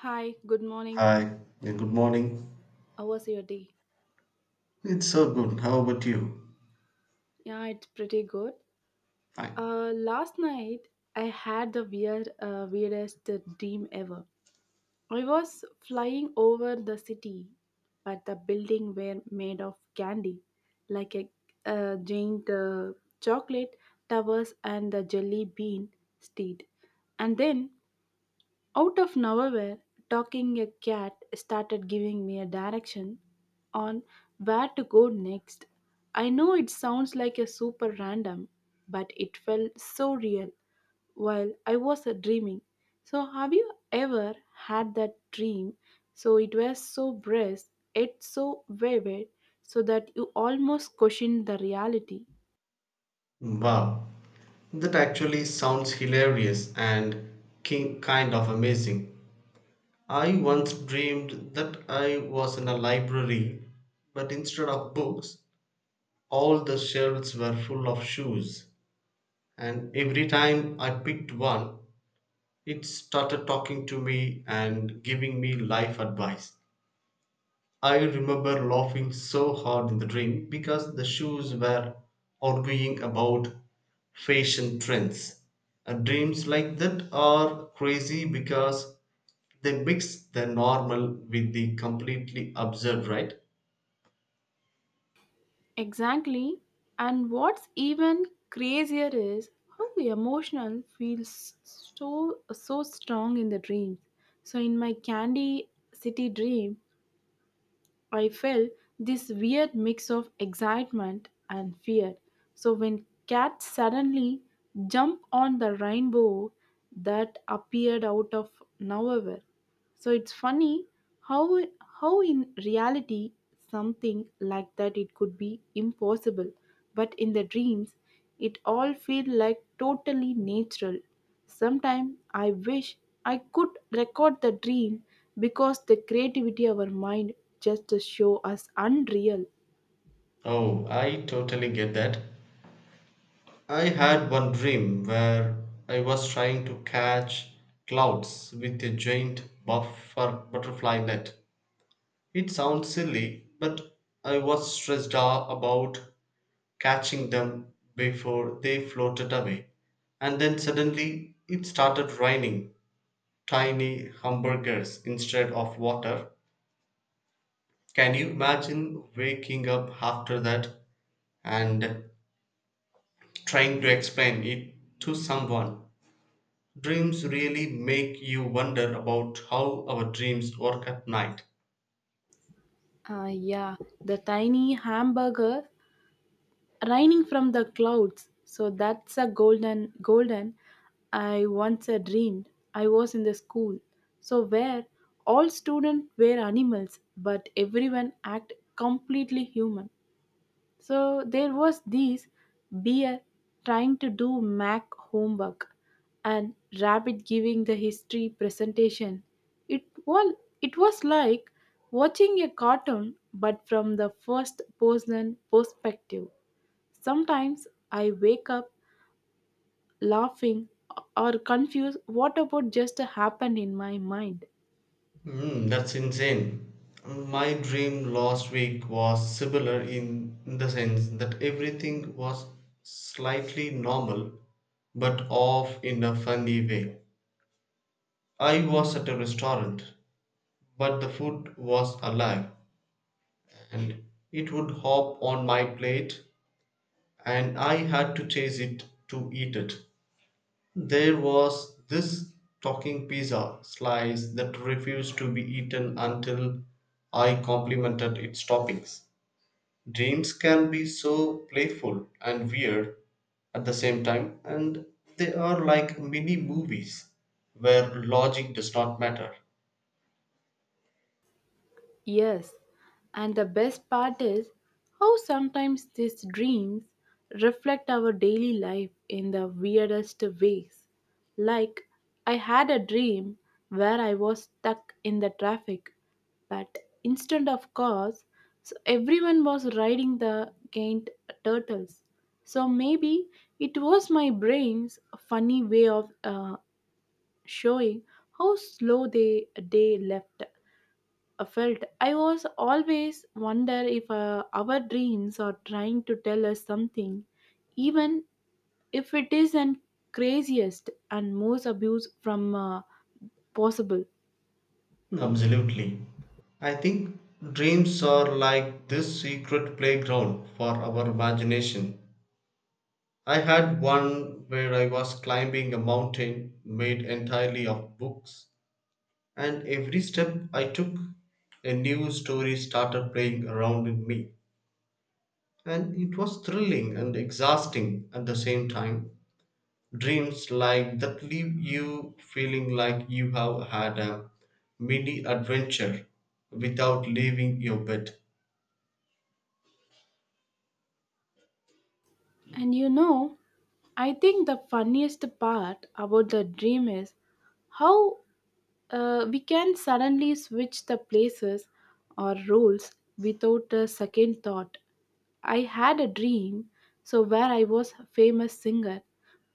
Hi, good morning. Hi, yeah, good morning. How was your day? It's so good. How about you? Yeah, it's pretty good. Fine. Last night I had the weird, weirdest dream ever. I was flying over the city, but the building were made of candy, like a giant chocolate towers and the jelly bean steed. And then out of nowhere, talking a cat started giving me a direction on where to go next. I know it sounds like a super random, but it felt so real while I was dreaming. So, have you ever had that dream? So, it was so brisk, yet so vivid, so that you almost questioned the reality. Wow, that actually sounds hilarious and kind of amazing. I once dreamed that I was in a library, but instead of books, all the shelves were full of shoes. And every time I picked one, it started talking to me and giving me life advice. I remember laughing so hard in the dream because the shoes were arguing about fashion trends. And dreams like that are crazy because they mix the normal with the completely absurd, right? Exactly. And what's even crazier is how emotional feels so strong in the dreams. So in my Candy City dream, I felt this weird mix of excitement and fear. So when cats suddenly jump on the rainbow that appeared out of nowhere, so it's funny how how in reality something like that it could be impossible, but in the dreams it all feel like totally natural. Sometimes I wish I could record the dream because the creativity of our mind just to show us unreal. Oh, I totally get that. I had one dream where I was trying to catch clouds with a giant buffer butterfly net. It sounds silly, but I was stressed out about catching them before they floated away. And then suddenly it started raining tiny hamburgers instead of water. Can you imagine waking up after that and trying to explain it to someone? Dreams really make you wonder about how our dreams work at night. Ah yeah, the tiny hamburger raining from the clouds so that's a golden I once a dreamed I was in the school so where all students were animals but everyone act completely human, so there was this bear trying to do mac homework and rabbit giving the history presentation. It was it was like watching a cartoon but from the first person perspective. Sometimes I wake up laughing or confused what about just happened in my mind. Mm, that's insane. My dream last week was similar in the sense that everything was slightly normal but off in a funny way. I was at a restaurant, but the food was alive and it would hop on my plate, and I had to chase it to eat it. There was this talking pizza slice that refused to be eaten until I complimented its toppings. Dreams can be so playful and weird at the same time, and they are like mini movies where logic does not matter. Yes, and the best part is how sometimes these dreams reflect our daily life in the weirdest ways. Like, I had a dream where I was stuck in the traffic, but instead of cars, so everyone was riding the giant turtles. So maybe it was my brain's funny way of showing how slow they left felt. I was always wonder if our dreams are trying to tell us something, even if it is an craziest and most abuse from possible. Absolutely. I think dreams are like this secret playground for our imagination. I had one where I was climbing a mountain made entirely of books, and every step I took, a new story started playing around in me. And it was thrilling and exhausting at the same time. Dreams like that leave you feeling like you have had a mini adventure without leaving your bed. And you know, I think the funniest part about the dream is how we can suddenly switch the places or roles without a second thought. I had a dream, so where I was a famous singer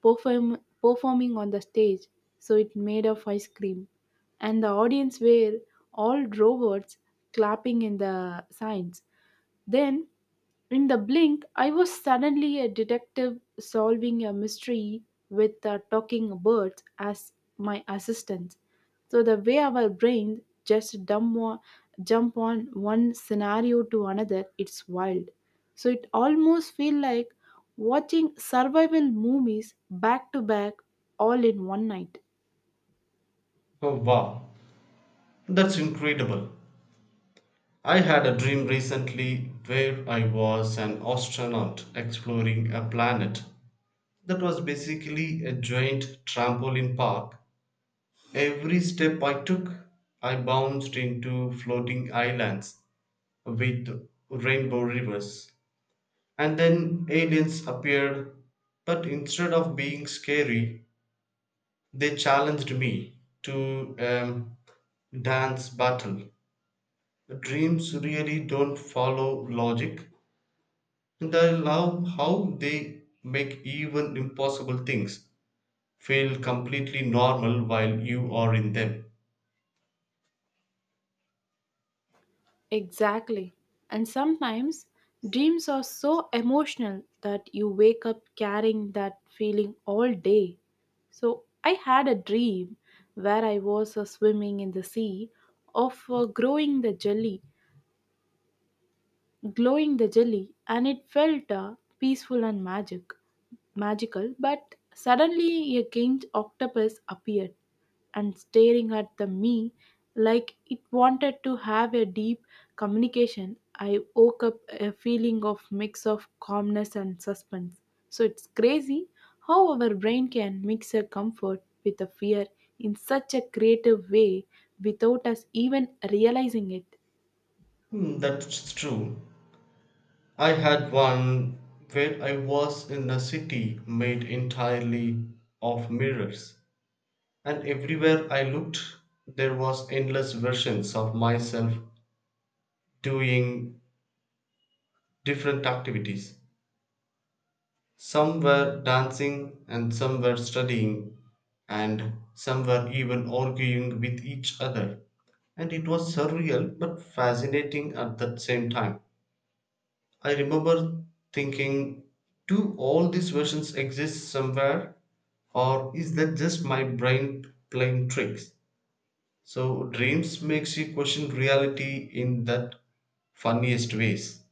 performing on the stage, so it made of ice cream, and the audience were all robots clapping in the signs. Then, in the blink, I was suddenly a detective solving a mystery with the talking birds as my assistants. So, the way our brains just jump on one scenario to another, it's wild. So, it almost feels like watching survival movies back to back all in one night. Oh wow, that's incredible. I had a dream recently where I was an astronaut exploring a planet that was basically a giant trampoline park. Every step I took, I bounced into floating islands with rainbow rivers. And then aliens appeared, but instead of being scary, they challenged me to a dance battle. Dreams really don't follow logic. And I love how they make even impossible things feel completely normal while you are in them. Exactly. And sometimes dreams are so emotional that you wake up carrying that feeling all day. So I had a dream where I was swimming in the sea of growing the jelly glowing the jelly, and it felt peaceful and magical. But suddenly, a giant octopus appeared and staring at the me like it wanted to have a deep communication. I woke up a feeling of mix of calmness and suspense. So it's crazy how our brain can mix a comfort with a fear in such a creative way without us even realizing it. Hmm, that's true. I had one where I was in a city made entirely of mirrors, and everywhere I looked, there was endless versions of myself doing different activities. Some were dancing, and some were studying, and some were even arguing with each other, and it was surreal but fascinating at the same time. I remember thinking, do all these versions exist somewhere, or is that just my brain playing tricks? So, dreams makes you question reality in that funniest ways.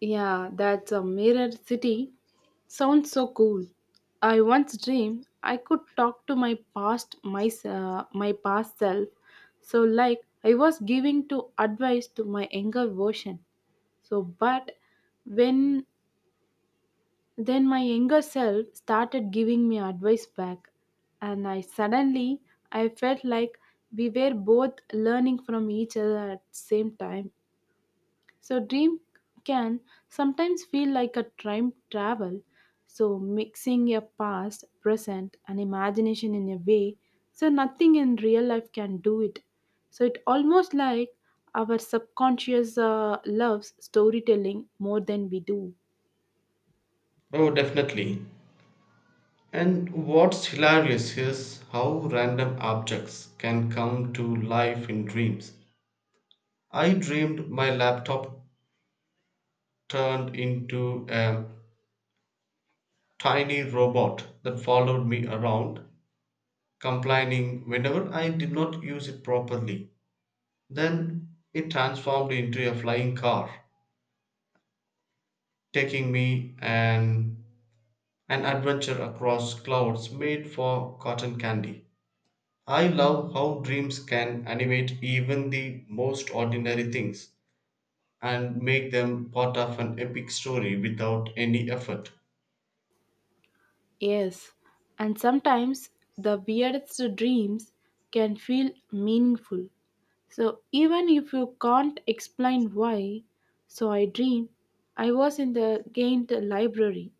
Yeah, that's a mirror city. Sounds so cool. I once dreamed I could talk to my past self. So like I was giving to advice to my younger version. So but when Then my younger self started giving me advice back and I felt like we were both learning from each other at the same time. So dream can sometimes feel like a time travel. So mixing your past, present, and imagination in a way so nothing in real life can do it. So it almost like our subconscious loves storytelling more than we do. Oh, definitely. And what's hilarious is how random objects can come to life in dreams. I dreamed my laptop turned into a tiny robot that followed me around, complaining whenever I did not use it properly. Then it transformed into a flying car, taking an adventure across clouds made for cotton candy. I love how dreams can animate even the most ordinary things and make them part of an epic story without any effort. Yes, and sometimes the weirdest dreams can feel meaningful. So, even if you can't explain why, so I dreamed I was in the Ghent library,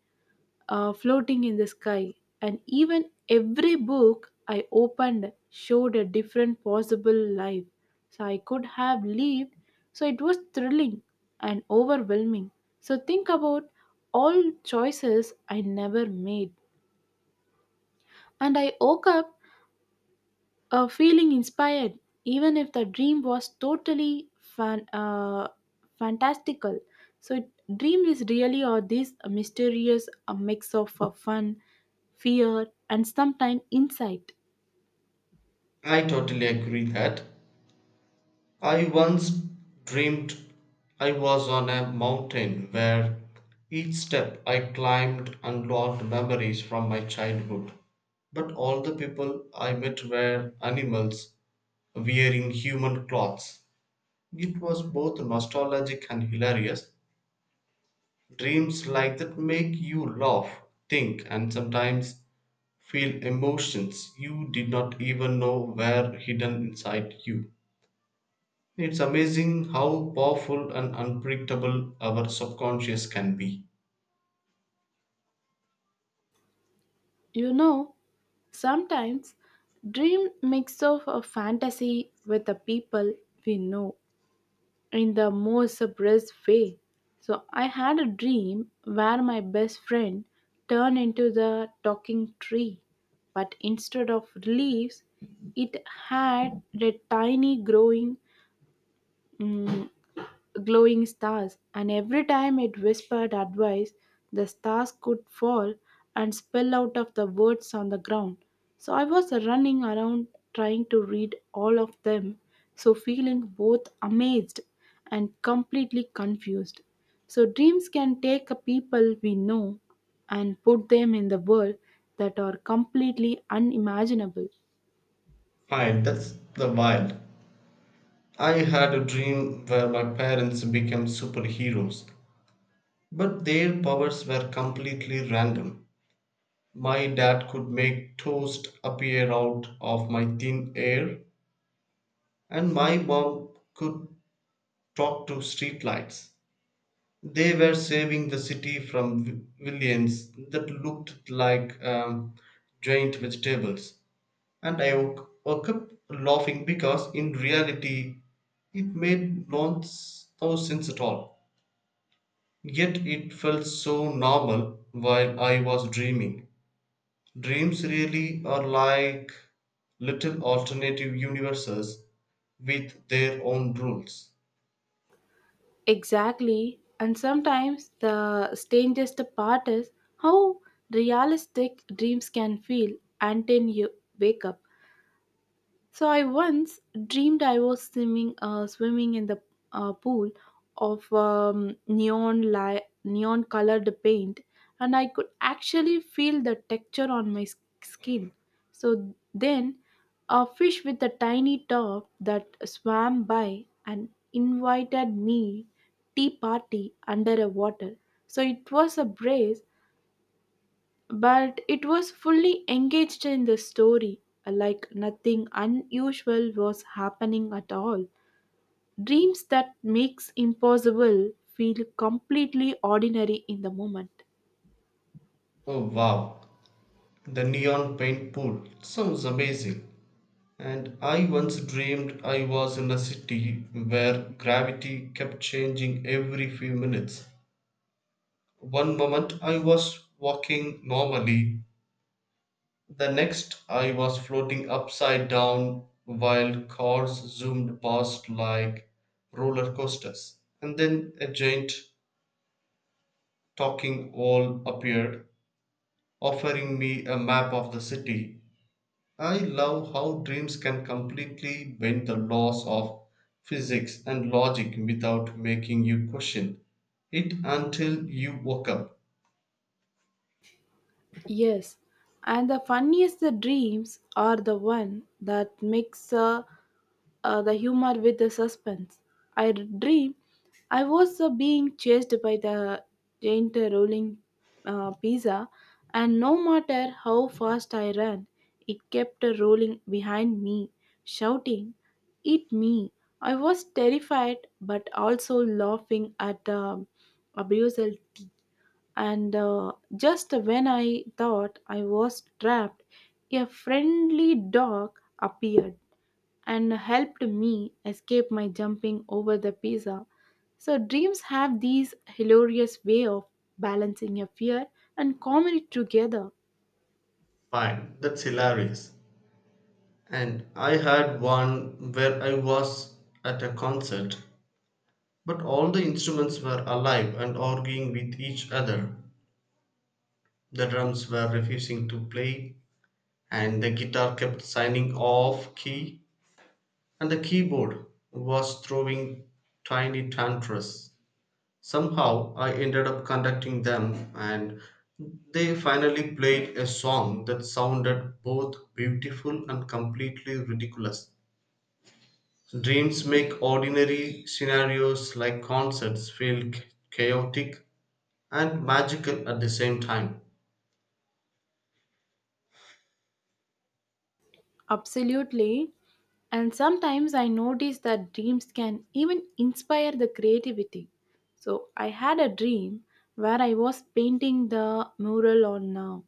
floating in the sky, and even every book I opened showed a different possible life. So, I could have lived. So, it was thrilling and overwhelming. So, think about all choices I never made. And I woke up feeling inspired, even if the dream was totally fantastical. So, it- dream is really or this mysterious mix of fun, fear, and sometimes insight. I totally agree that. I once dreamed I was on a mountain where each step I climbed unlocked memories from my childhood. But all the people I met were animals wearing human clothes. It was both nostalgic and hilarious. Dreams like that make you laugh, think, and sometimes feel emotions you did not even know were hidden inside you. It's amazing how powerful and unpredictable our subconscious can be. You know, sometimes dream mix of a fantasy with the people we know in the most suppressed way. So I had a dream where my best friend turned into the talking tree, but instead of leaves, it had a tiny growing mm, glowing stars, and every time it whispered advice, the stars could fall and spill out of the words on the ground. So I was running around trying to read all of them, so feeling both amazed and completely confused. So dreams can take a people we know and put them in the world that are completely unimaginable. Wild, that's the wild. I had a dream where my parents became superheroes, but their powers were completely random. My dad could make toast appear out of my thin air, and my mom could talk to streetlights. They were saving the city from Williams that looked like giant vegetables. And I woke up laughing because in reality it made no sense at all. Yet it felt so normal while I was dreaming. Dreams really are like little alternative universes with their own rules. Exactly. And sometimes the strangest part is how realistic dreams can feel until you wake up. So I once dreamed I was swimming in the pool of neon colored paint, and I could actually feel the texture on my skin. So then, a fish with a tiny top that swam by and invited me tea party under a water. So it was a breeze but it was fully engaged in the story, like nothing unusual was happening at all. Dreams that makes impossible feel completely ordinary in the moment. Oh wow, the neon paint pool sounds amazing, and I once dreamed I was in a city where gravity kept changing every few minutes. One moment I was walking normally, the next I was floating upside down while cars zoomed past like roller coasters. And then a giant talking wall appeared, offering me a map of the city. I love how dreams can completely bend the laws of physics and logic without making you question it until you woke up. Yes, and the funniest the dreams are the one that mix the humor with the suspense. I dream I was being chased by the giant rolling pizza, and no matter how fast I ran, it kept rolling behind me, shouting, "Eat me!" I was terrified, but also laughing at the abusal and just when I thought I was trapped, a friendly dog appeared and helped me escape my jumping over the pizza. So dreams have these hilarious way of balancing your fear and comedy together. Fine, that's hilarious. And I had one where I was at a concert, but all the instruments were alive and arguing with each other. The drums were refusing to play, and the guitar kept signing off key, and the keyboard was throwing tiny tantrums. Somehow I ended up conducting them, and they finally played a song that sounded both beautiful and completely ridiculous. Dreams make ordinary scenarios like concerts feel chaotic and magical at the same time. Absolutely. And sometimes I notice that dreams can even inspire the creativity. So I had a dream where I was painting the mural on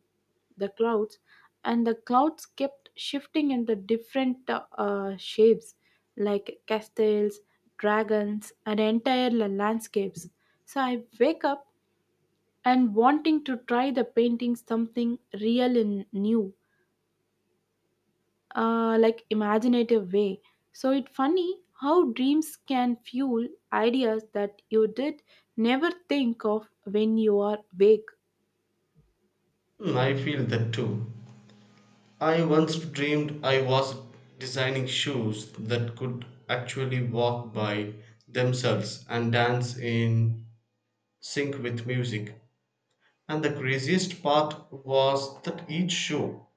the clouds, and the clouds kept shifting in the different shapes like castles, dragons, and entire landscapes. So I wake up and wanting to try the painting something real and new like imaginative way. So it's funny how dreams can fuel ideas that you did never think of when you are awake. Hmm, I feel that too. I once dreamed I was designing shoes that could actually walk by themselves and dance in sync with music. And the craziest part was that each show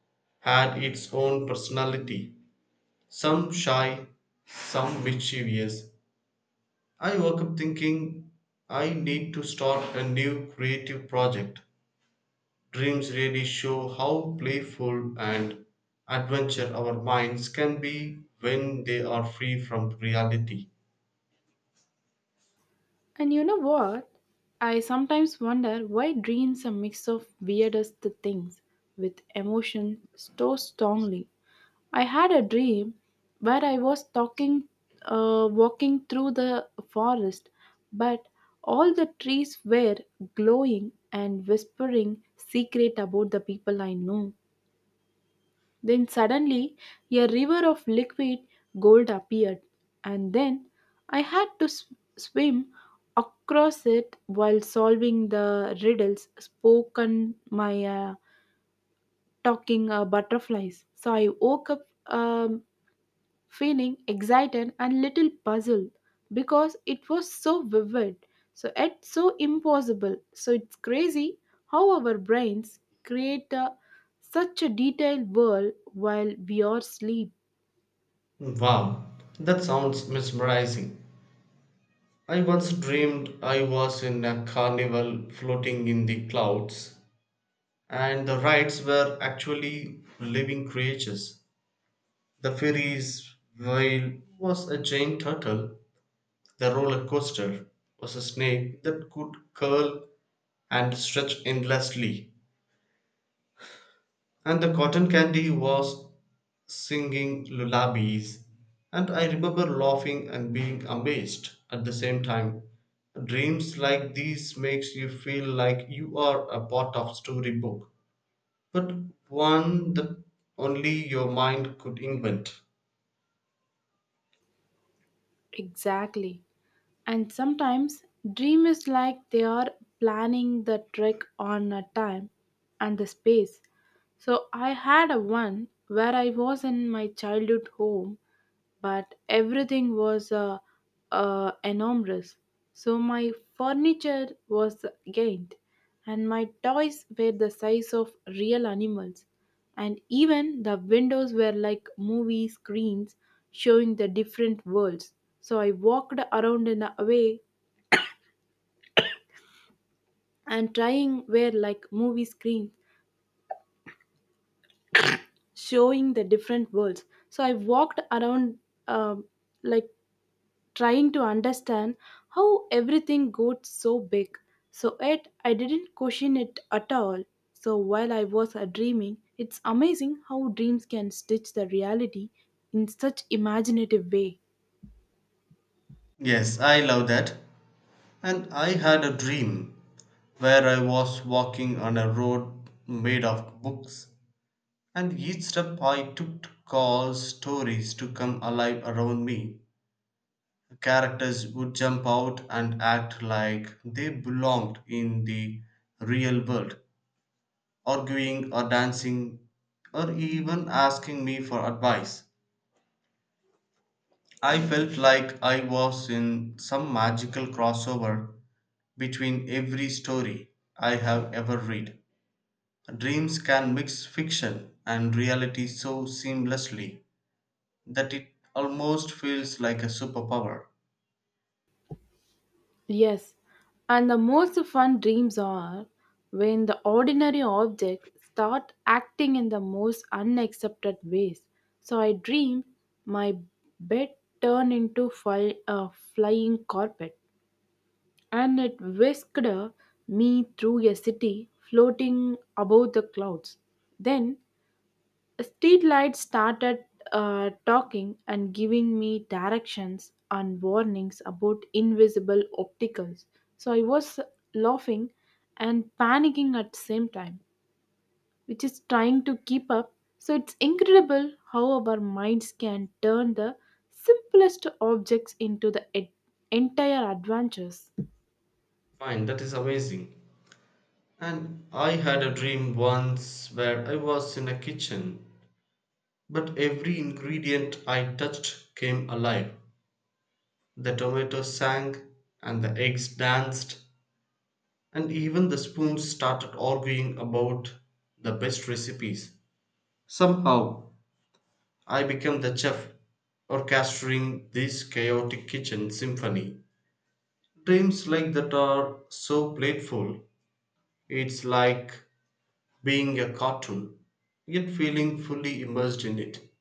had its own personality, some shy, some mischievous. I woke up thinking I need to start a new creative project. Dreams really show how playful and adventure our minds can be when they are free from reality. And you know what? I sometimes wonder why dreams are mix of weirdest things with emotion so strongly. I had a dream where I was walking through the forest, but all the trees were glowing and whispering secret about the people I know. Then suddenly a river of liquid gold appeared, and then I had to swim across it while solving the riddles spoken my talking butterflies. So I woke up. Um, Feeling excited and little puzzled because it was so vivid, so it's so impossible. So it's crazy how our brains create a, such a detailed world while we are asleep. Wow, that sounds mesmerizing. I once dreamed I was in a carnival floating in the clouds, and the rides were actually living creatures. The fairies' whale was a giant turtle, the roller coaster was a snake that could curl and stretch endlessly, and the cotton candy was singing lullabies, and I remember laughing and being amazed at the same time. Dreams like these makes you feel like you are a part of storybook, but one that only your mind could invent. Exactly. And sometimes dream is like they are planning the trek on a time and the space. So I had a one where I was in my childhood home, but everything was enormous. So my furniture was gained, and my toys were the size of real animals and even the windows were like movie screens showing the different worlds. So I walked around in a way and trying were like movie screens showing the different worlds. So I walked around um, like trying to understand how everything got so big, so it I didn't question it at all so while I was dreaming. It's amazing how dreams can stitch the reality in such imaginative way. Yes, I love that. And I had a dream where I was walking on a road made of books, and each step I took caused stories to come alive around me. Characters would jump out and act like they belonged in the real world, arguing or dancing, or even asking me for advice. I felt like I was in some magical crossover between every story I have ever read. Dreams can mix fiction and reality so seamlessly that it almost feels like a superpower. Yes, and the most fun dreams are when the ordinary objects start acting in the most unaccepted ways. So I dreamed my bed turned into a flying carpet and it whisked me through a city floating above the clouds. Then streetlights started talking and giving me directions and warnings about invisible obstacles. So I was laughing and panicking at the same time, which is trying to keep up. So it's incredible how our minds can turn the simplest objects into the entire adventures. Fine, that is amazing. And I had a dream once where I was in a kitchen, but every ingredient I touched came alive. The tomatoes sang, and the eggs danced, and even the spoons started arguing about the best recipes. Somehow, I became the chef, orchestrating this chaotic kitchen symphony. Dreams like that are so playful. It's like being a cartoon, yet feeling fully immersed in it.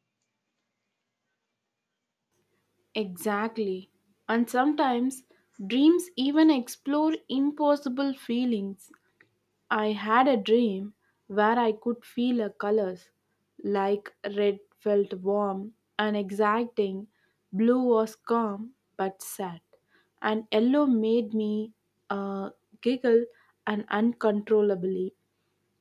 Exactly. And sometimes dreams even explore impossible feelings. I had a dream where I could feel the colors like red felt warm and exciting, blue was calm but sad, and yellow made me uh, giggle and uncontrollably.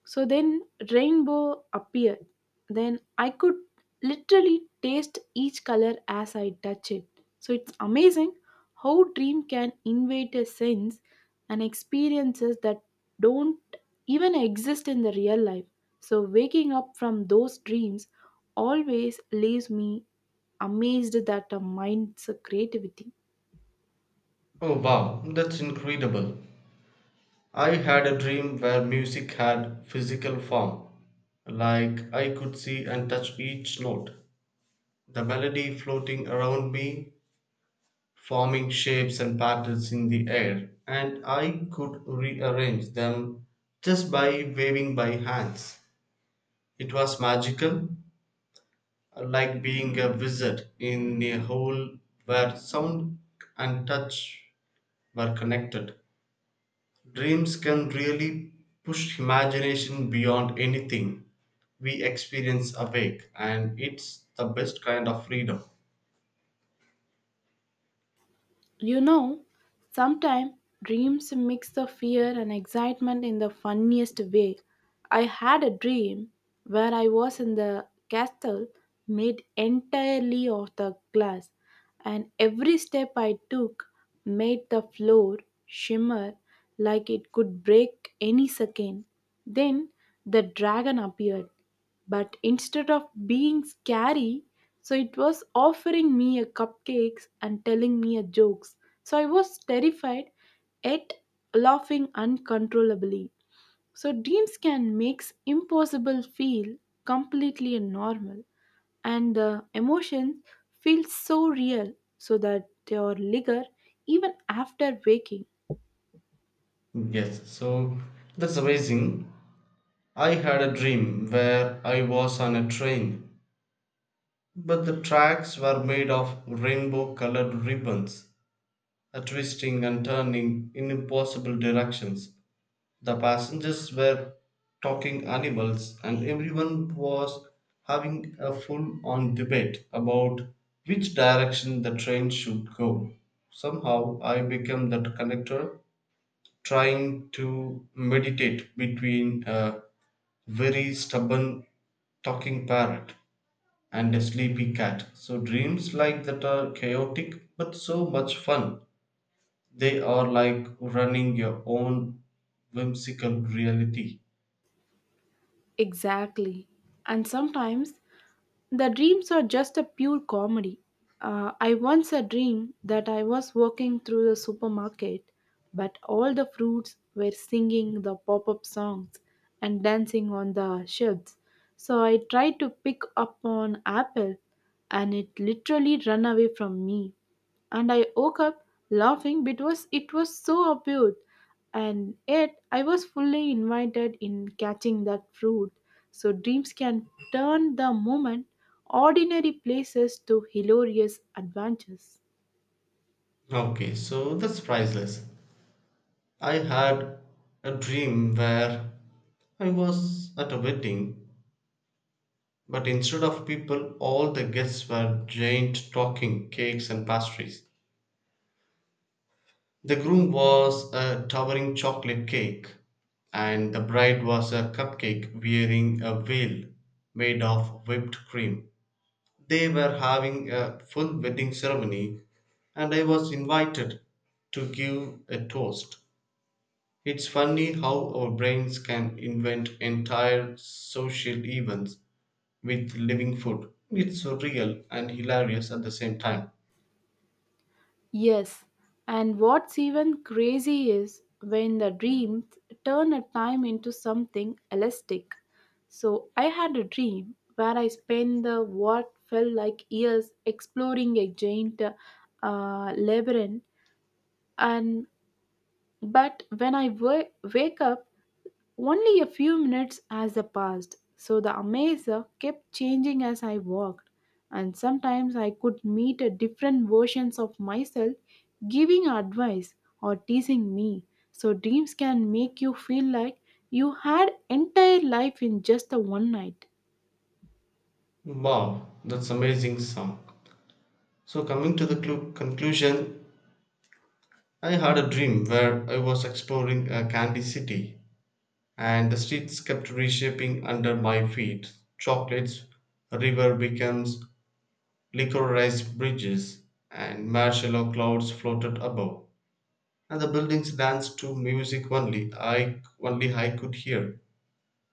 So then rainbow appeared. Then I could literally taste each color as I touch it. So it's amazing how dream can invade a sense and experiences that don't even exist in the real life. So waking up from those dreams always leaves me amazed that the mind's creativity. Oh wow, that's incredible. I had a dream where music had physical form, like I could see and touch each note, the melody floating around me, forming shapes and patterns in the air, and I could rearrange them just by waving my hands. It was magical, like being a wizard in a hole where sound and touch were connected. Dreams can really push imagination beyond anything we experience awake, and it's the best kind of freedom. You know, sometimes dreams mix the fear and excitement in the funniest way. I had a dream where I was in the castle made entirely of the glass, and every step I took made the floor shimmer like it could break any second. Then the dragon appeared but instead of being scary, so it was offering me a cupcakes and telling me a jokes. So I was terrified yet laughing uncontrollably. So dreams can make impossible feel completely normal and the emotions feel so real so that they are linger even after waking. Yes, so that's amazing. I had a dream where I was on a train, but the tracks were made of rainbow colored ribbons, twisting and turning in impossible directions. The passengers were talking animals, and everyone was having a full on debate about which direction the train should go. Somehow, I became that conductor trying to meditate between a very stubborn talking parrot and a sleepy cat. So, dreams like that are chaotic but so much fun. They are like running your own whimsical reality. Exactly. And sometimes the dreams are just a pure comedy. I once a dream that I was walking through the supermarket, but all the fruits were singing the pop-up songs and dancing on the shelves. So I tried to pick up an apple, and it literally ran away from me and I woke up laughing because it was so absurd, and yet I was fully invited in catching that fruit. So dreams can turn the moment, ordinary places to hilarious adventures. Okay, so that's priceless. I had a dream where I was at a wedding, but instead of people, all the guests were giant talking cakes and pastries. The groom was a towering chocolate cake, and the bride was a cupcake wearing a veil made of whipped cream. They were having a full wedding ceremony, and I was invited to give a toast. It's funny how our brains can invent entire social events with living food. It's surreal and hilarious at the same time. Yes, and what's even crazy is when the dreams turn a time into something elastic. So I had a dream where I spent the what felt like years exploring a giant labyrinth, and but wake up, only a few minutes as I passed, so the amazer kept changing as I walked, and sometimes I could meet a different versions of myself giving advice or teasing me. So dreams can make you feel like you had entire life in just the one night. Wow, that's amazing song. So coming to the conclusion, I had a dream where I was exploring a candy city and the streets kept reshaping under my feet. Chocolates, river becomes liquorized bridges and marshmallow clouds floated above, and the buildings danced to music only I could hear,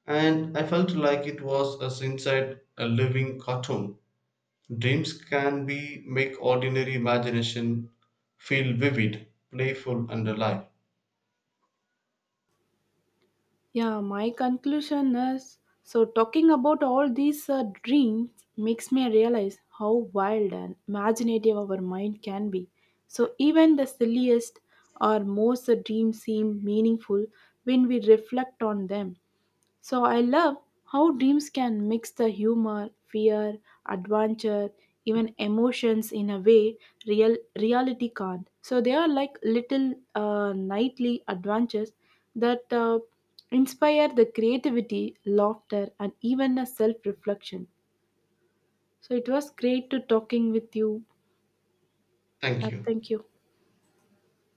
and I felt like it was as inside a living cartoon. Dreams can be make ordinary imagination feel vivid, playful, and alive. Yeah, my conclusion is so talking about all these dreams makes me realize how wild and imaginative our mind can be. So even the silliest or most dreams seem meaningful when we reflect on them. So I love how dreams can mix the humor, fear, adventure, even emotions in a way real reality can't. So they are like little nightly adventures that inspire the creativity, laughter, and even a self-reflection. So it was great to talking with you. Thank you. Thank you.